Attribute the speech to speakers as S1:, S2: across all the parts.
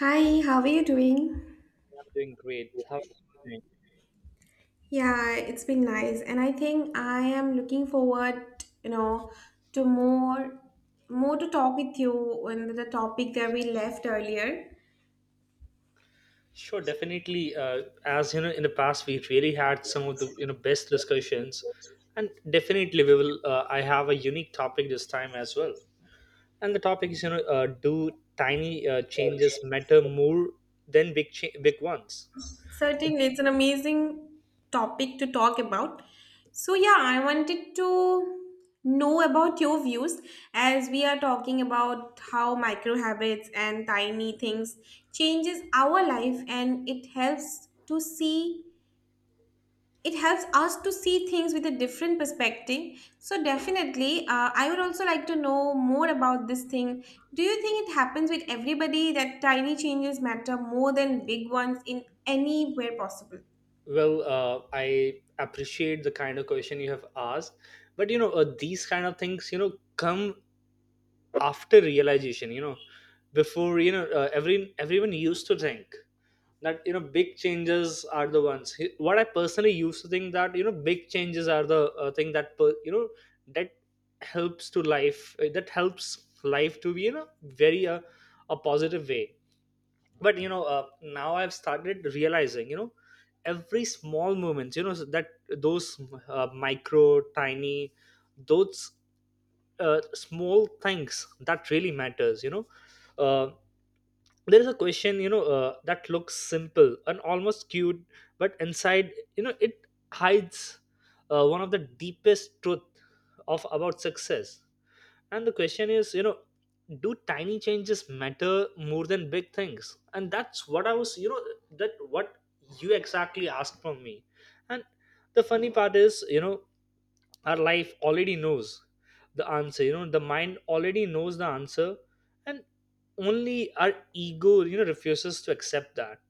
S1: Hi, how are you doing?
S2: I'm doing great. How are you doing?
S1: Yeah, it's been nice, and I think I am looking forward, to more to talk with you on the topic that we left earlier.
S2: Sure, definitely. As you know, in the past, we really had some of the you know best discussions, and definitely we will. I have a unique topic this time as well, and the topic is you know do tiny changes matter more than big ones?
S1: Certainly, it's an amazing topic to talk about. So yeah, I wanted to know about your views as we are talking about how micro habits and tiny things changes our life and it helps to see it helps us to see things with a different perspective. So definitely, I would also like to know more about this thing. Do you think it happens with everybody that tiny changes matter more than big ones in anywhere possible?
S2: Well, I appreciate the kind of question you have asked, but you know these kind of things you know come after realization. You know, before you know everyone used to think that you know big changes are the ones what I personally used to think that you know big changes are the thing that you know that helps to life that helps life to be you know very a positive way, but you know now I've started realizing you know every small moments you know, so that those micro tiny, those small things that really matters you know. uh, there is a question you know that looks simple and almost cute, but inside you know it hides one of the deepest truth of about success. And the question is you know, do tiny changes matter more than big things, and that's what I was you know, that what you exactly asked from me. And the funny part is you know, our life already knows the answer, you know the mind already knows the answer, and only our ego you know refuses to accept that,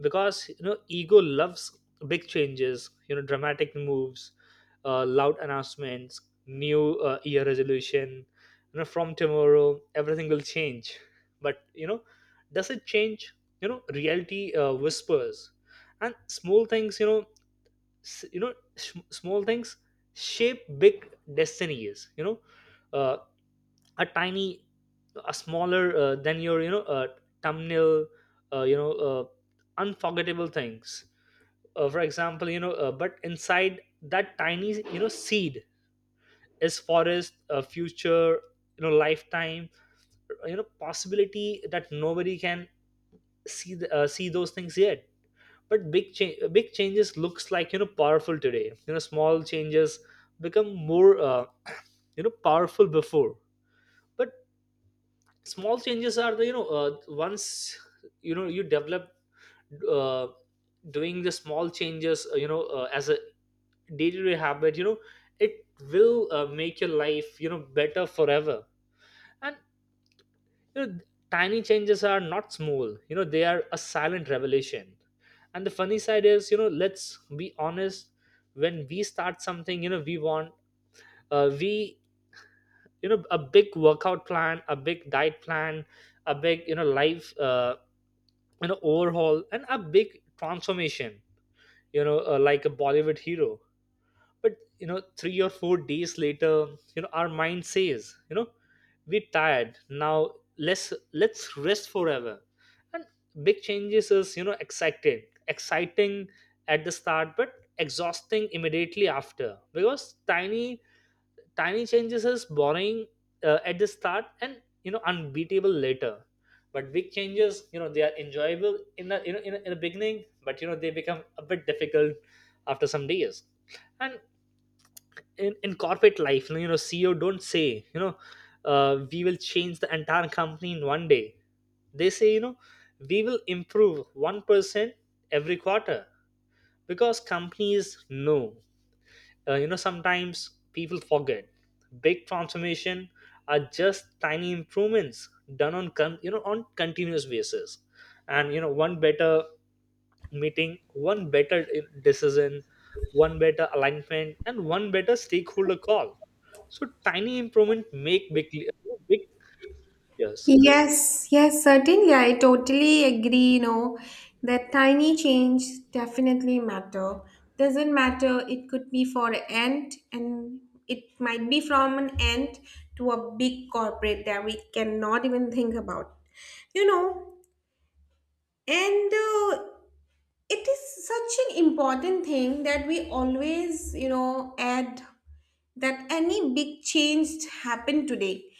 S2: because you know ego loves big changes, you know, dramatic moves, loud announcements, new year resolution, you know from tomorrow everything will change. But you know, does it change? You know reality whispers, and small things you know, small things shape big destinies, you know. uh, a tiny, a smaller than your you know thumbnail, uh, you know uh, unforgettable things, for example, you know but inside that tiny you know seed is forest, future, you know lifetime, you know possibility that nobody can see see those things yet. But big changes looks like you know powerful today, you know small changes become more you know powerful before. But small changes are the you know once you know you develop uh, doing the small changes as a day-to-day habit, you know it will make your life you know better forever. And you know, tiny changes are not small, you know they are a silent revelation. And the funny side is you know, let's be honest, when we start something you know we want we you know a big workout plan, a big diet plan, a big you know life, an overhaul and a big transformation, you know like a bollywood hero. But you know 3 or 4 days later, you know our mind says you know we're tired now, let's rest forever. And big changes is you know exciting at the start but exhausting immediately after, because tiny changes is boring at the start and you know unbeatable later. But big changes, you know, they are enjoyable in the you know in the beginning, but you know they become a bit difficult after some days. And in corporate life, you know, CEO don't say, you know, we will change the entire company in 1 day. They say, you know, we will improve 1% every quarter, because companies know you know sometimes people forget big transformation are just tiny improvements done on you know on continuous basis. And you know one better meeting, one better decision, one better alignment, and one better stakeholder call. So tiny improvement make big, yes,
S1: Yes, yes, certainly. I totally agree, you know, that tiny change definitely matter. Doesn't matter, it could be for an ant and it might be from an ant to a big corporate that we cannot even think about. You know, and it is such an important thing that we always, you know, add that any big change happened today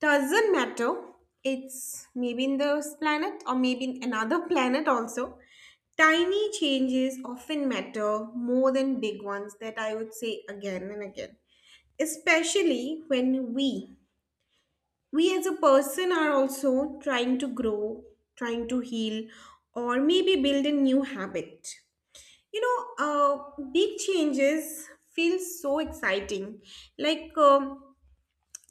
S1: doesn't matter. It's maybe in this planet or maybe in another planet also. Tiny changes often matter more than big ones that I would say again and again. Especially when we as a person are also trying to grow, trying to heal, or maybe build a new habit. You know, big changes feel so exciting. Like,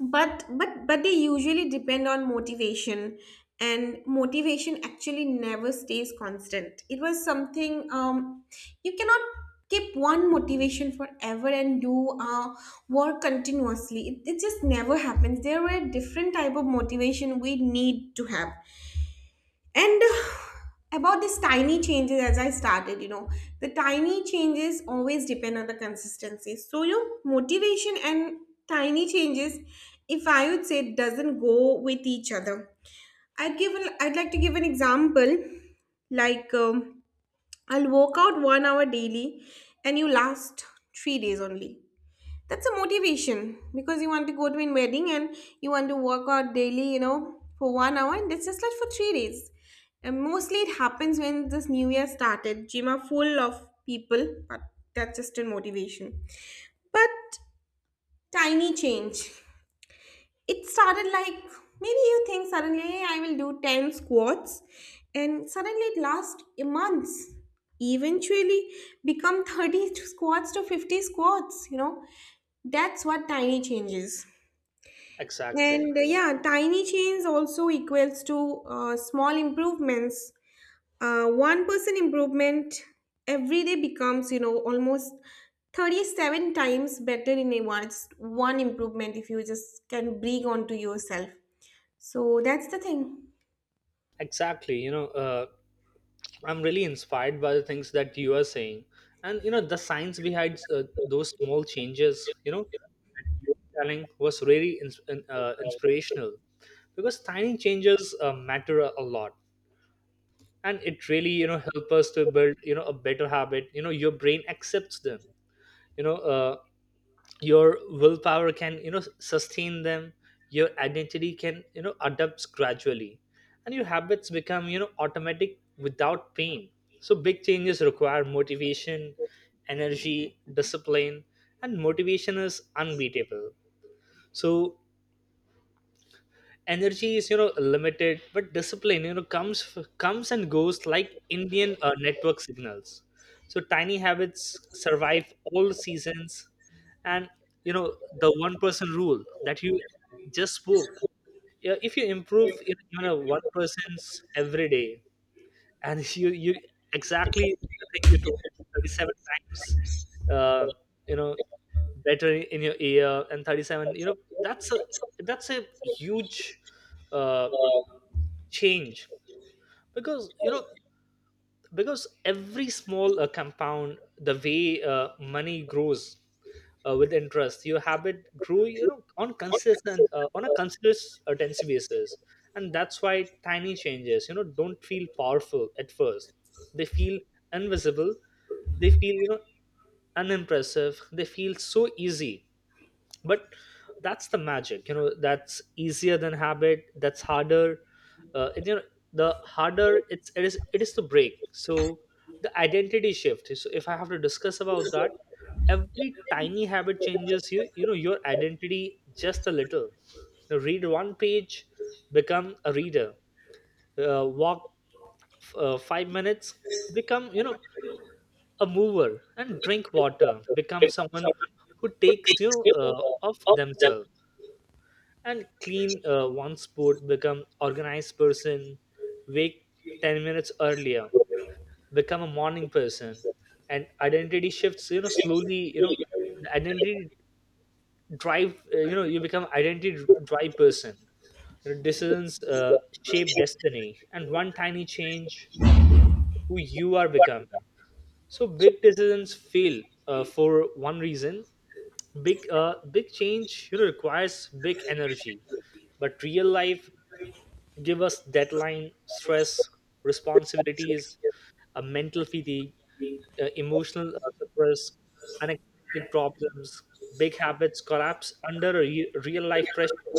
S1: but they usually depend on motivation, and motivation actually never stays constant. It was something, you cannot keep one motivation forever and do work continuously. It just never happens. There were different type of motivation we need to have and about these tiny changes, as I started, you know, the tiny changes always depend on the consistency. So your motivation and tiny changes, if I would say, doesn't go with each other. I'd like to give an example. Like, I'll work out 1 hour daily, and you last 3 days only. That's a motivation because you want to go to a wedding and you want to work out daily, you know, for 1 hour, and that's just like for 3 days. And mostly it happens when this new year started, gym are full of people, but that's just a motivation. But tiny change, it started like, maybe you think suddenly I will do 10 squats and suddenly it lasts a month, eventually become 30 squats to 50 squats, you know. That's what tiny changes.
S2: exactly.
S1: And yeah, tiny change also equals to small improvements, 1% improvement every day becomes, you know, almost 37 times better in a once one improvement if you just can bring onto yourself. So that's the thing.
S2: Exactly, you know. I'm really inspired by the things that you are saying, and you know the science behind those small changes. You know, that you were telling was really inspirational, because tiny changes matter a lot, and it really you know help us to build you know a better habit. You know, your brain accepts them. You know, your willpower can you know sustain them, your identity can you know adapts gradually, and your habits become you know automatic without pain. So big changes require motivation, energy, discipline, and motivation is unbeatable. So energy is you know limited, but discipline you know comes and goes like indian network signals. So tiny habits survive all seasons. And you know the one person rule that you just spoke. Yeah, if you improve you know even a one person's every day, and you exactly the thing you told, 37 times uh, you know better in your ear, and 37 you know that's a, that's a huge uh, change, because you know, because every small compound the way money grows with interest, your habit grew you know on consistent on a consistent tendency basis. And that's why tiny changes you know don't feel powerful at first, they feel invisible, they feel you know unimpressive, they feel so easy. But that's the magic, you know, that's easier than habit, that's harder and, you know, the harder it's it is to break. So the identity shift, so if I have to discuss about that, every tiny habit changes you know your identity just a little. Now read one page, become a reader, walk 5 minutes, become you know a mover, and drink water become someone who takes you of themselves, and clean one sport become organized person, wake 10 minutes earlier become a morning person. And identity shifts you know slowly, you know the identity drive you know you become identity drive person. Your decisions shape destiny, and one tiny change who you are becoming. So big decisions fail for one reason: big change you know requires big energy, but real life give us deadline stress, responsibilities, a mental fatigue, emotional suppress, unexpected problems. Big habits collapse under a real life pressure,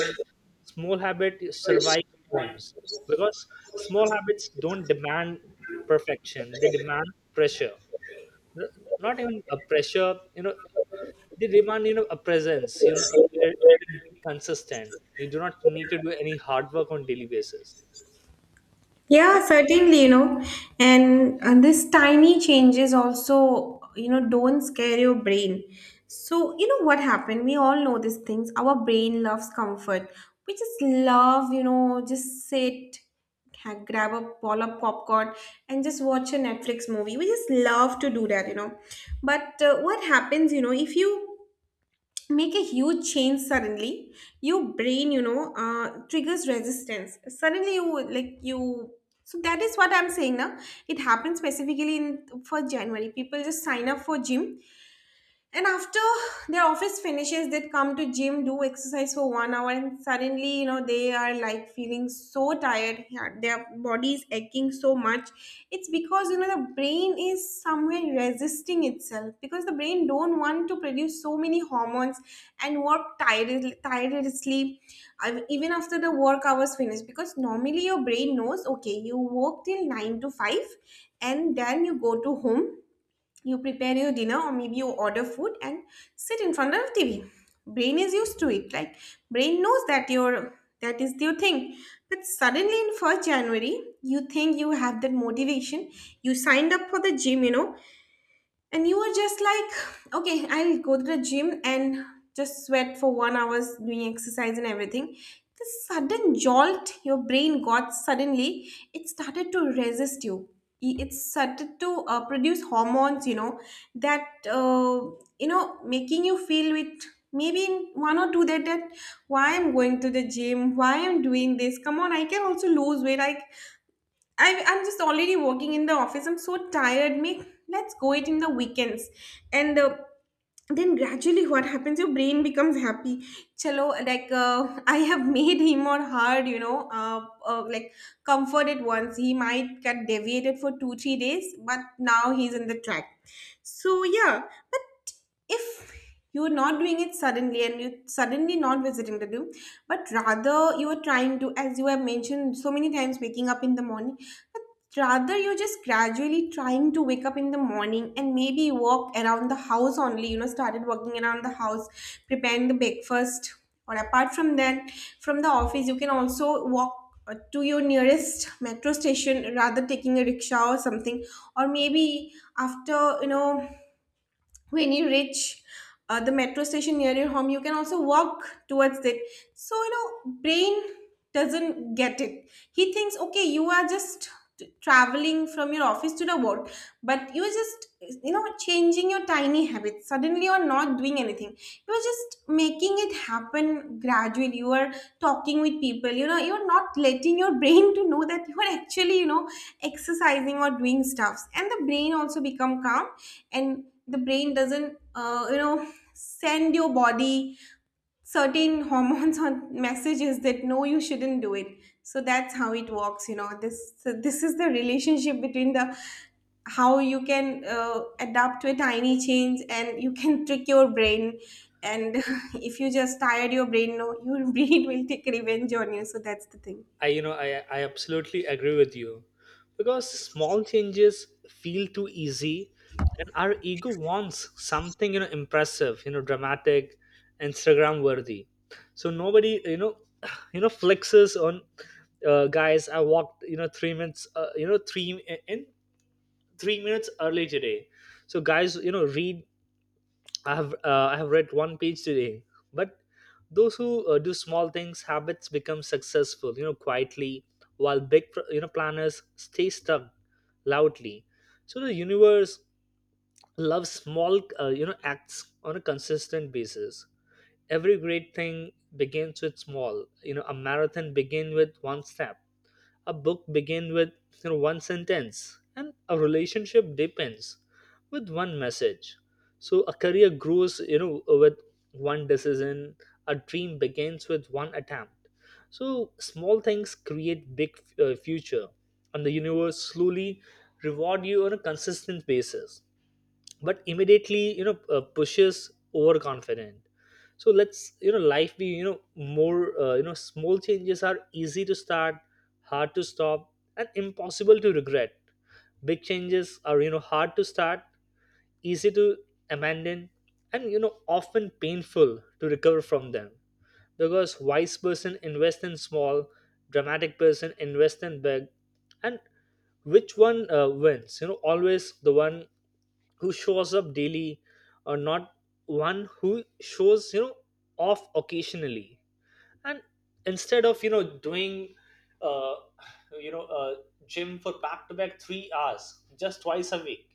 S2: small habits survive storms, because small habits don't demand perfection, they demand pressure. N- Not even a pressure, you know, they demand you know a presence, you know, where you can be consistent. You do not need to do any hard work on daily basis.
S1: Yeah,
S2: And
S1: certainly, you know, and this tiny changes also, you know, don't scare your brain. So, you know what happened? We all know these things. Our brain loves comfort. We just love, you know, just sit, grab a ball of popcorn, and just watch a Netflix movie. We just love to do that, you know. But what happens, you know, if you make a huge change suddenly, your brain, you know, triggers resistance suddenly. You would, like, you so that is what I'm saying now. It happens specifically in for January people just sign up for gym, and after their office finishes, they'd come to gym, do exercise for 1 hour, and suddenly, you know, they are like feeling so tired. Yeah, their body is aching so much. It's because you know the brain is somewhere resisting itself because the brain don't want to produce so many hormones and work tired, tirelessly, even after the work hours finish. Because normally your brain knows, okay, you work till nine to five, and then you go to home, you prepare your dinner or maybe you order food and sit in front of the TV. Brain is used to it. Like, brain knows that your that is your thing. But suddenly in 1st January you think you have that motivation, you signed up for the gym, you know, and you were just like, okay, I'll go to the gym and just sweat for 1 hour's doing exercise and everything. This sudden jolt your brain got suddenly, it started to resist you. It started to produce hormones, you know, that, you know, making you feel with maybe in one or two that, that why I'm going to the gym, why I'm doing this. Come on, I can also lose weight. I'm just already working in the office. I'm so tired. Me. Let's go it in the weekends, and then gradually what happens, your brain becomes happy. Chalo, like, I have made him or her, you know, like, comforted. Once he might get deviated for 2 3 days, but now he's in the track. So yeah. But if you're not doing it suddenly and you suddenly not visiting the gym, but rather you are trying to, as you have mentioned so many times, waking up in the morning, but rather, you're just gradually trying to wake up in the morning and maybe walk around the house only, you know, started walking around the house, preparing the breakfast. Or apart from that, from the office, you can also walk to your nearest metro station rather taking a rickshaw or something. Or maybe after, you know, when you reach the metro station near your home, you can also walk towards it. So you know brain doesn't get it. He thinks, okay, you are just traveling from your office to the work, but you are just, you know, changing your tiny habits. Suddenly you are not doing anything, you are just making it happen gradually. You are talking with people, you know, you're not letting your brain to know that you are actually, you know, exercising or doing stuffs, and the brain also become calm, and the brain doesn't, you know, send your body certain hormones or messages that no you shouldn't do it. So that's how it works, you know. This, so this is the relationship between the how you can adapt to a tiny change and you can trick your brain and if you just tired your brain, no, your brain will take revenge on you. So that's the thing.
S2: I, you know, I absolutely agree with you, because small changes feel too easy, and our ego wants something, you know, impressive, you know, dramatic, Instagram worthy. So nobody, you know, you know flexes on, guys. I walked, you know, 3 minutes, you know, in 3 minutes early today. So guys, you know, read I have read one page today. But those who do small things, habits become successful, you know, quietly, while you know planners stay stuck loudly. So the universe loves small you know acts on a consistent basis. Every great thing begins with small. You know, a marathon begins with one step, a book begins with you know one sentence, and a relationship depends with one message. So a career grows you know with one decision, a dream begins with one attempt. So small things create big future, and the universe slowly reward you on a consistent basis, but immediately you know pushes overconfident. So let's you know life be you know more you know, small changes are easy to start, hard to stop, and impossible to regret. Big changes are you know hard to start, easy to abandon, and you know often painful to recover from them. Because wise person invest in small, dramatic person invest in big. And which one wins, you know, always the one who shows up daily, or not one who shows you know off occasionally. And instead of you know doing uh, you know uh, gym for back to back 3 hours just twice a week,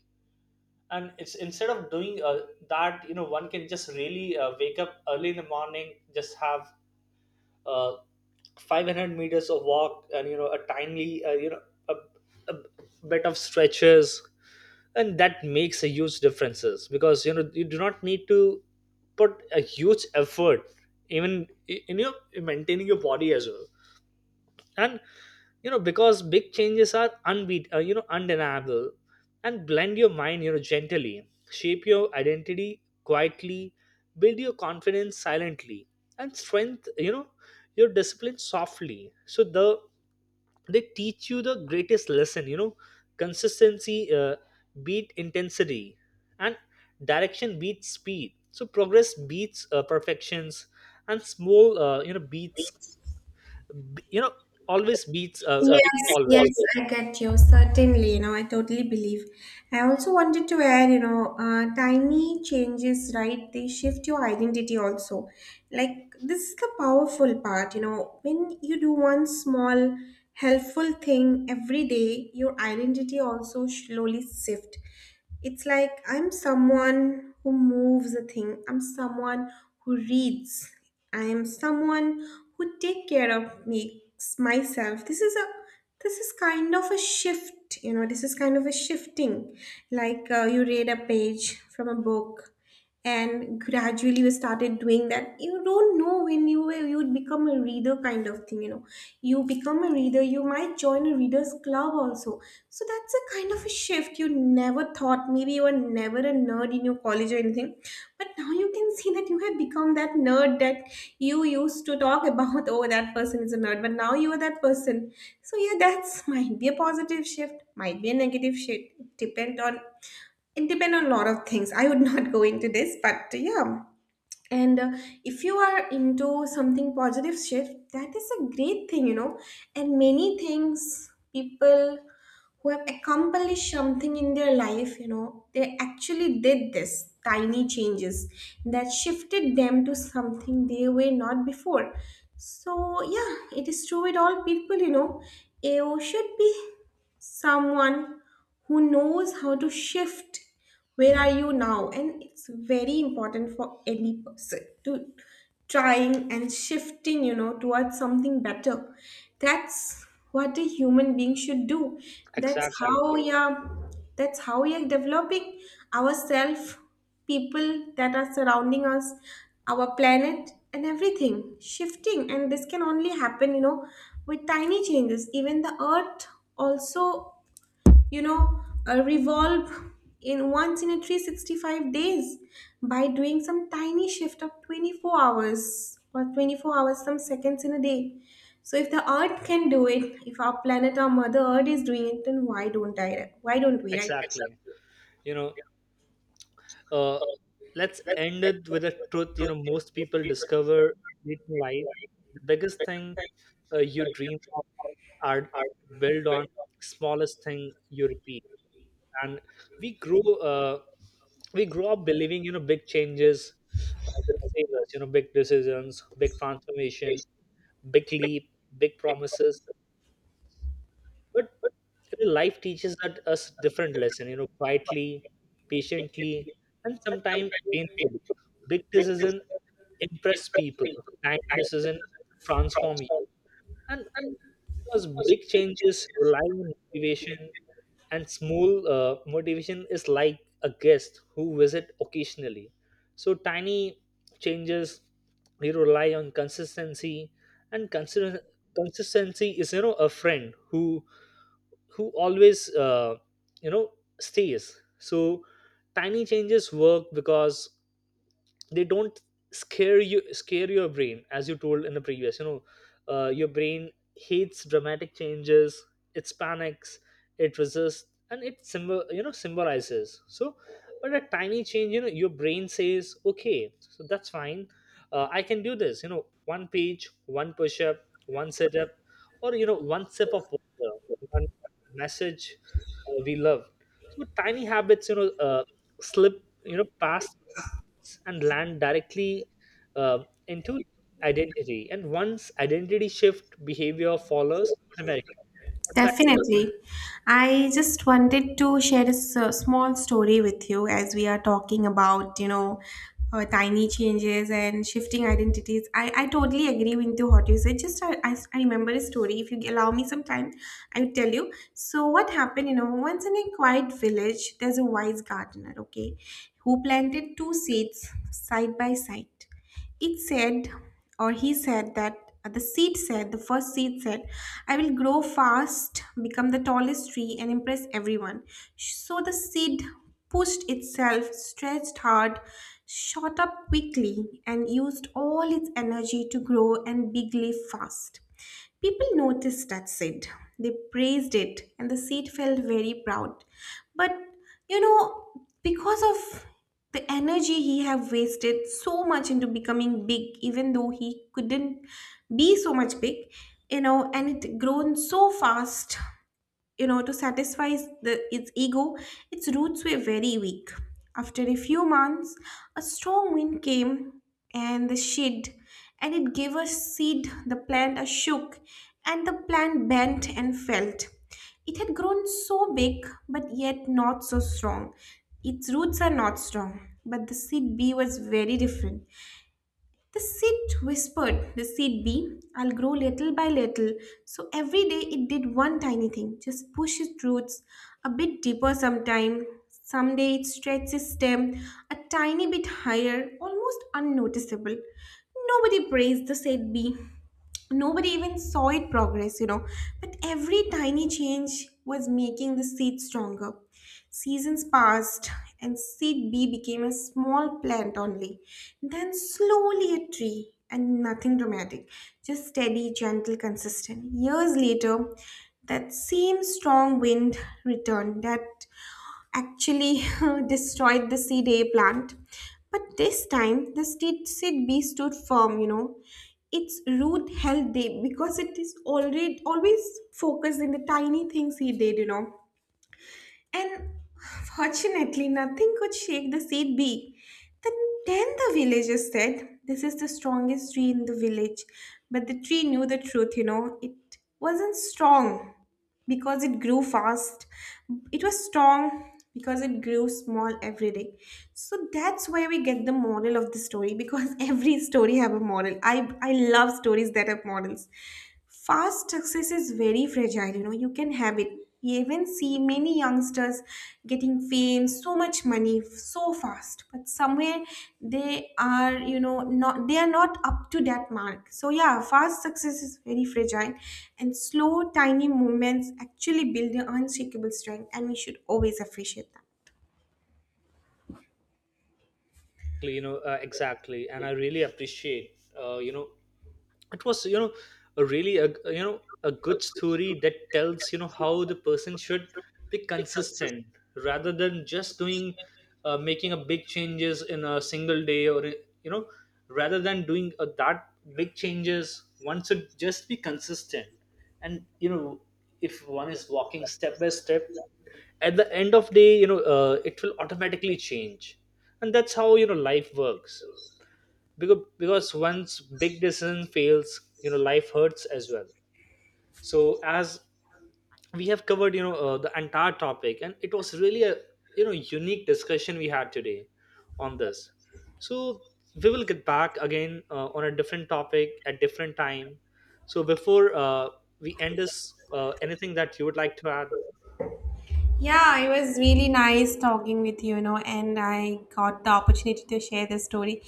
S2: and it's instead of doing that, you know, one can just really wake up early in the morning, just have uh, 500 meters of walk and you know a tiny a, a bit of stretches. And that makes a huge differences, because you know you do not need to put a huge effort even in your in maintaining your body as well. And you know, because big changes are unbeat you know undeniable, and blend your mind you know gently, shape your identity quietly, build your confidence silently, and strength you know your discipline softly. So the, they teach you the greatest lesson, you know, consistency beat intensity, and direction beats speed, so progress beats perfections. And small you know beats you know always beats
S1: Yes,
S2: big,
S1: yes,
S2: always.
S1: I get you. Certainly, you know, I totally believe. I also wanted to add, you know, tiny changes, right? They shift your identity also, like this is the powerful part. You know, when you do one small helpful thing every day, your identity also slowly shift. It's like I'm someone who moves a thing, I'm someone who reads, I am someone who take care of me myself. This is a this is kind of a shift, you know. This is kind of a shifting, like, you read a page from a book, and gradually we started doing that. You don't know when you would become a reader, kind of thing, you know. You become a reader, you might join a readers club also. So that's a kind of a shift you never thought. Maybe you were never a nerd in your college or anything, but now you can see that you have become that nerd that you used to talk about. Oh, that person is a nerd, but now you are that person. So yeah, that's might be a positive shift, might be a negative shift, depend on it depends on a lot of things. I would not go into this, but yeah. And if you are into something positive shift, that is a great thing, you know. And many things, people who have accomplished something in their life, you know, they actually did this tiny changes that shifted them to something they were not before. So, yeah, it is true with all people, you know. You should be someone who knows how to shift where are you now, and it's very important for any person to trying and shifting, you know, towards something better. That's what a human being should do. That's
S2: Exactly,
S1: how Exactly. we are, that's how we are developing ourselves, people that are surrounding us, our planet, and everything shifting. And this can only happen, you know, with tiny changes. Even the earth also, you know, revolve in once in a 365 days by doing some tiny shift of 24 hours or 24 hours, some seconds in a day. So if the earth can do it, if our planet, our mother earth is doing it, then why don't I? Why don't we, right?
S2: exactly. You know, uh, let's end it with a truth. You know, most people discover late in life the biggest thing you dream of are built on smallest thing you repeat, and we grow. We grow up believing you know big changes will save us. You know, big decisions, big transformation, big leap, big promises. But you know, life teaches that us different lesson, you know, quietly, patiently, and sometimes painfully. Big decision impress people, tiny decision transform you. And because big changes rely on motivation, and small motivation is like a guest who visit occasionally. So tiny changes we rely on consistency, and consistency is you know a friend who always you know stays. So tiny changes work because they don't scare your brain, as you told in the previous, you know your brain hates dramatic changes, it panics, it resists, and it symbol you know symbolizes. So but a tiny change, you know, your brain says okay, so that's fine, I can do this, you know, one page, one push-up, one sit-up, or you know one sip of water, one message, we love. So tiny habits you know slip you know past and land directly into identity. And once identity shift behavior follows automatically,
S1: Definitely. I just wanted to share a small story with you as we are talking about, you know, tiny changes and shifting identities. I totally agree with you what you said. Just I remember a story. If you allow me some time, I will tell you. So what happened, you know, once in a quiet village, there's a wise gardener, okay, who planted two seeds side by side. It said, or he said, that the seed said, the first seed said, I will grow fast, become the tallest tree, and impress everyone. So the seed pushed itself, stretched hard, shot up quickly, and used all its energy to grow and bigly fast. People noticed that seat. They praised it, and the seat felt very proud. But you know, because of the energy he have wasted so much into becoming big, even though he couldn't be so much big, you know, and it grown so fast, you know, to satisfy the, its ego, its roots were very weak. After a few months, a strong wind came and the shade, and it gave a seed. The plant a shook, and the plant bent and felt. It had grown so big, but yet not so strong. Its roots are not strong, but the seed bee was very different. The seed whispered, the seed bee, I'll grow little by little. So every day it did one tiny thing, just push its roots a bit deeper sometime. Someday it stretched its stem a tiny bit higher, almost unnoticeable. Nobody praised the seed bee, nobody even saw it progress, you know, but every tiny change was making the seed stronger. Seasons passed, and seed B became a small plant only, then slowly a tree, and nothing dramatic, just steady, gentle, consistent. Years later, that same strong wind returned that actually destroyed the seed A plant. But this time, seed B stood firm, you know. Its root held deep because it is already always focused in the tiny things he did, you know. And fortunately, nothing could shake the seed beak. Then, then the villagers said, this is the strongest tree in the village. But the tree knew the truth, you know. It wasn't strong because it grew fast, it was strong because it grew small every day. So that's where we get the moral of the story because every story have a moral. I love stories that have morals. Fast success is very fragile, you know. You can have it, you even see many youngsters getting fame, so much money so fast, but somewhere they are, you know, not they are not up to that mark. So yeah, fast success is very fragile, and slow, tiny movements actually build an unshakable strength, and we should always appreciate that.
S2: you know, exactly. And I really appreciate, you know, it was you know a really you know a good story that tells you know how the person should be consistent, rather than just doing making a big changes in a single day, or you know rather than doing that big changes, one should just be consistent. And you know if one is walking step by step, at the end of day you know it will automatically change, and that's how you know life works, because once big decision fails, you know life hurts as well. So as we have covered you know the entire topic, and it was really a you know unique discussion we had today on this. So we will get back again on a different topic at different time. So before we end this, anything that you would like to add?
S1: Yeah, it was really nice talking with you, you know, and I got the opportunity to share this story.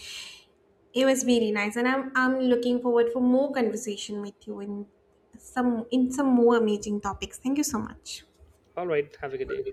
S1: It was very nice, and I'm looking forward for more conversation with you in some more amazing topics. Thank you so much.
S2: All right, have a good day.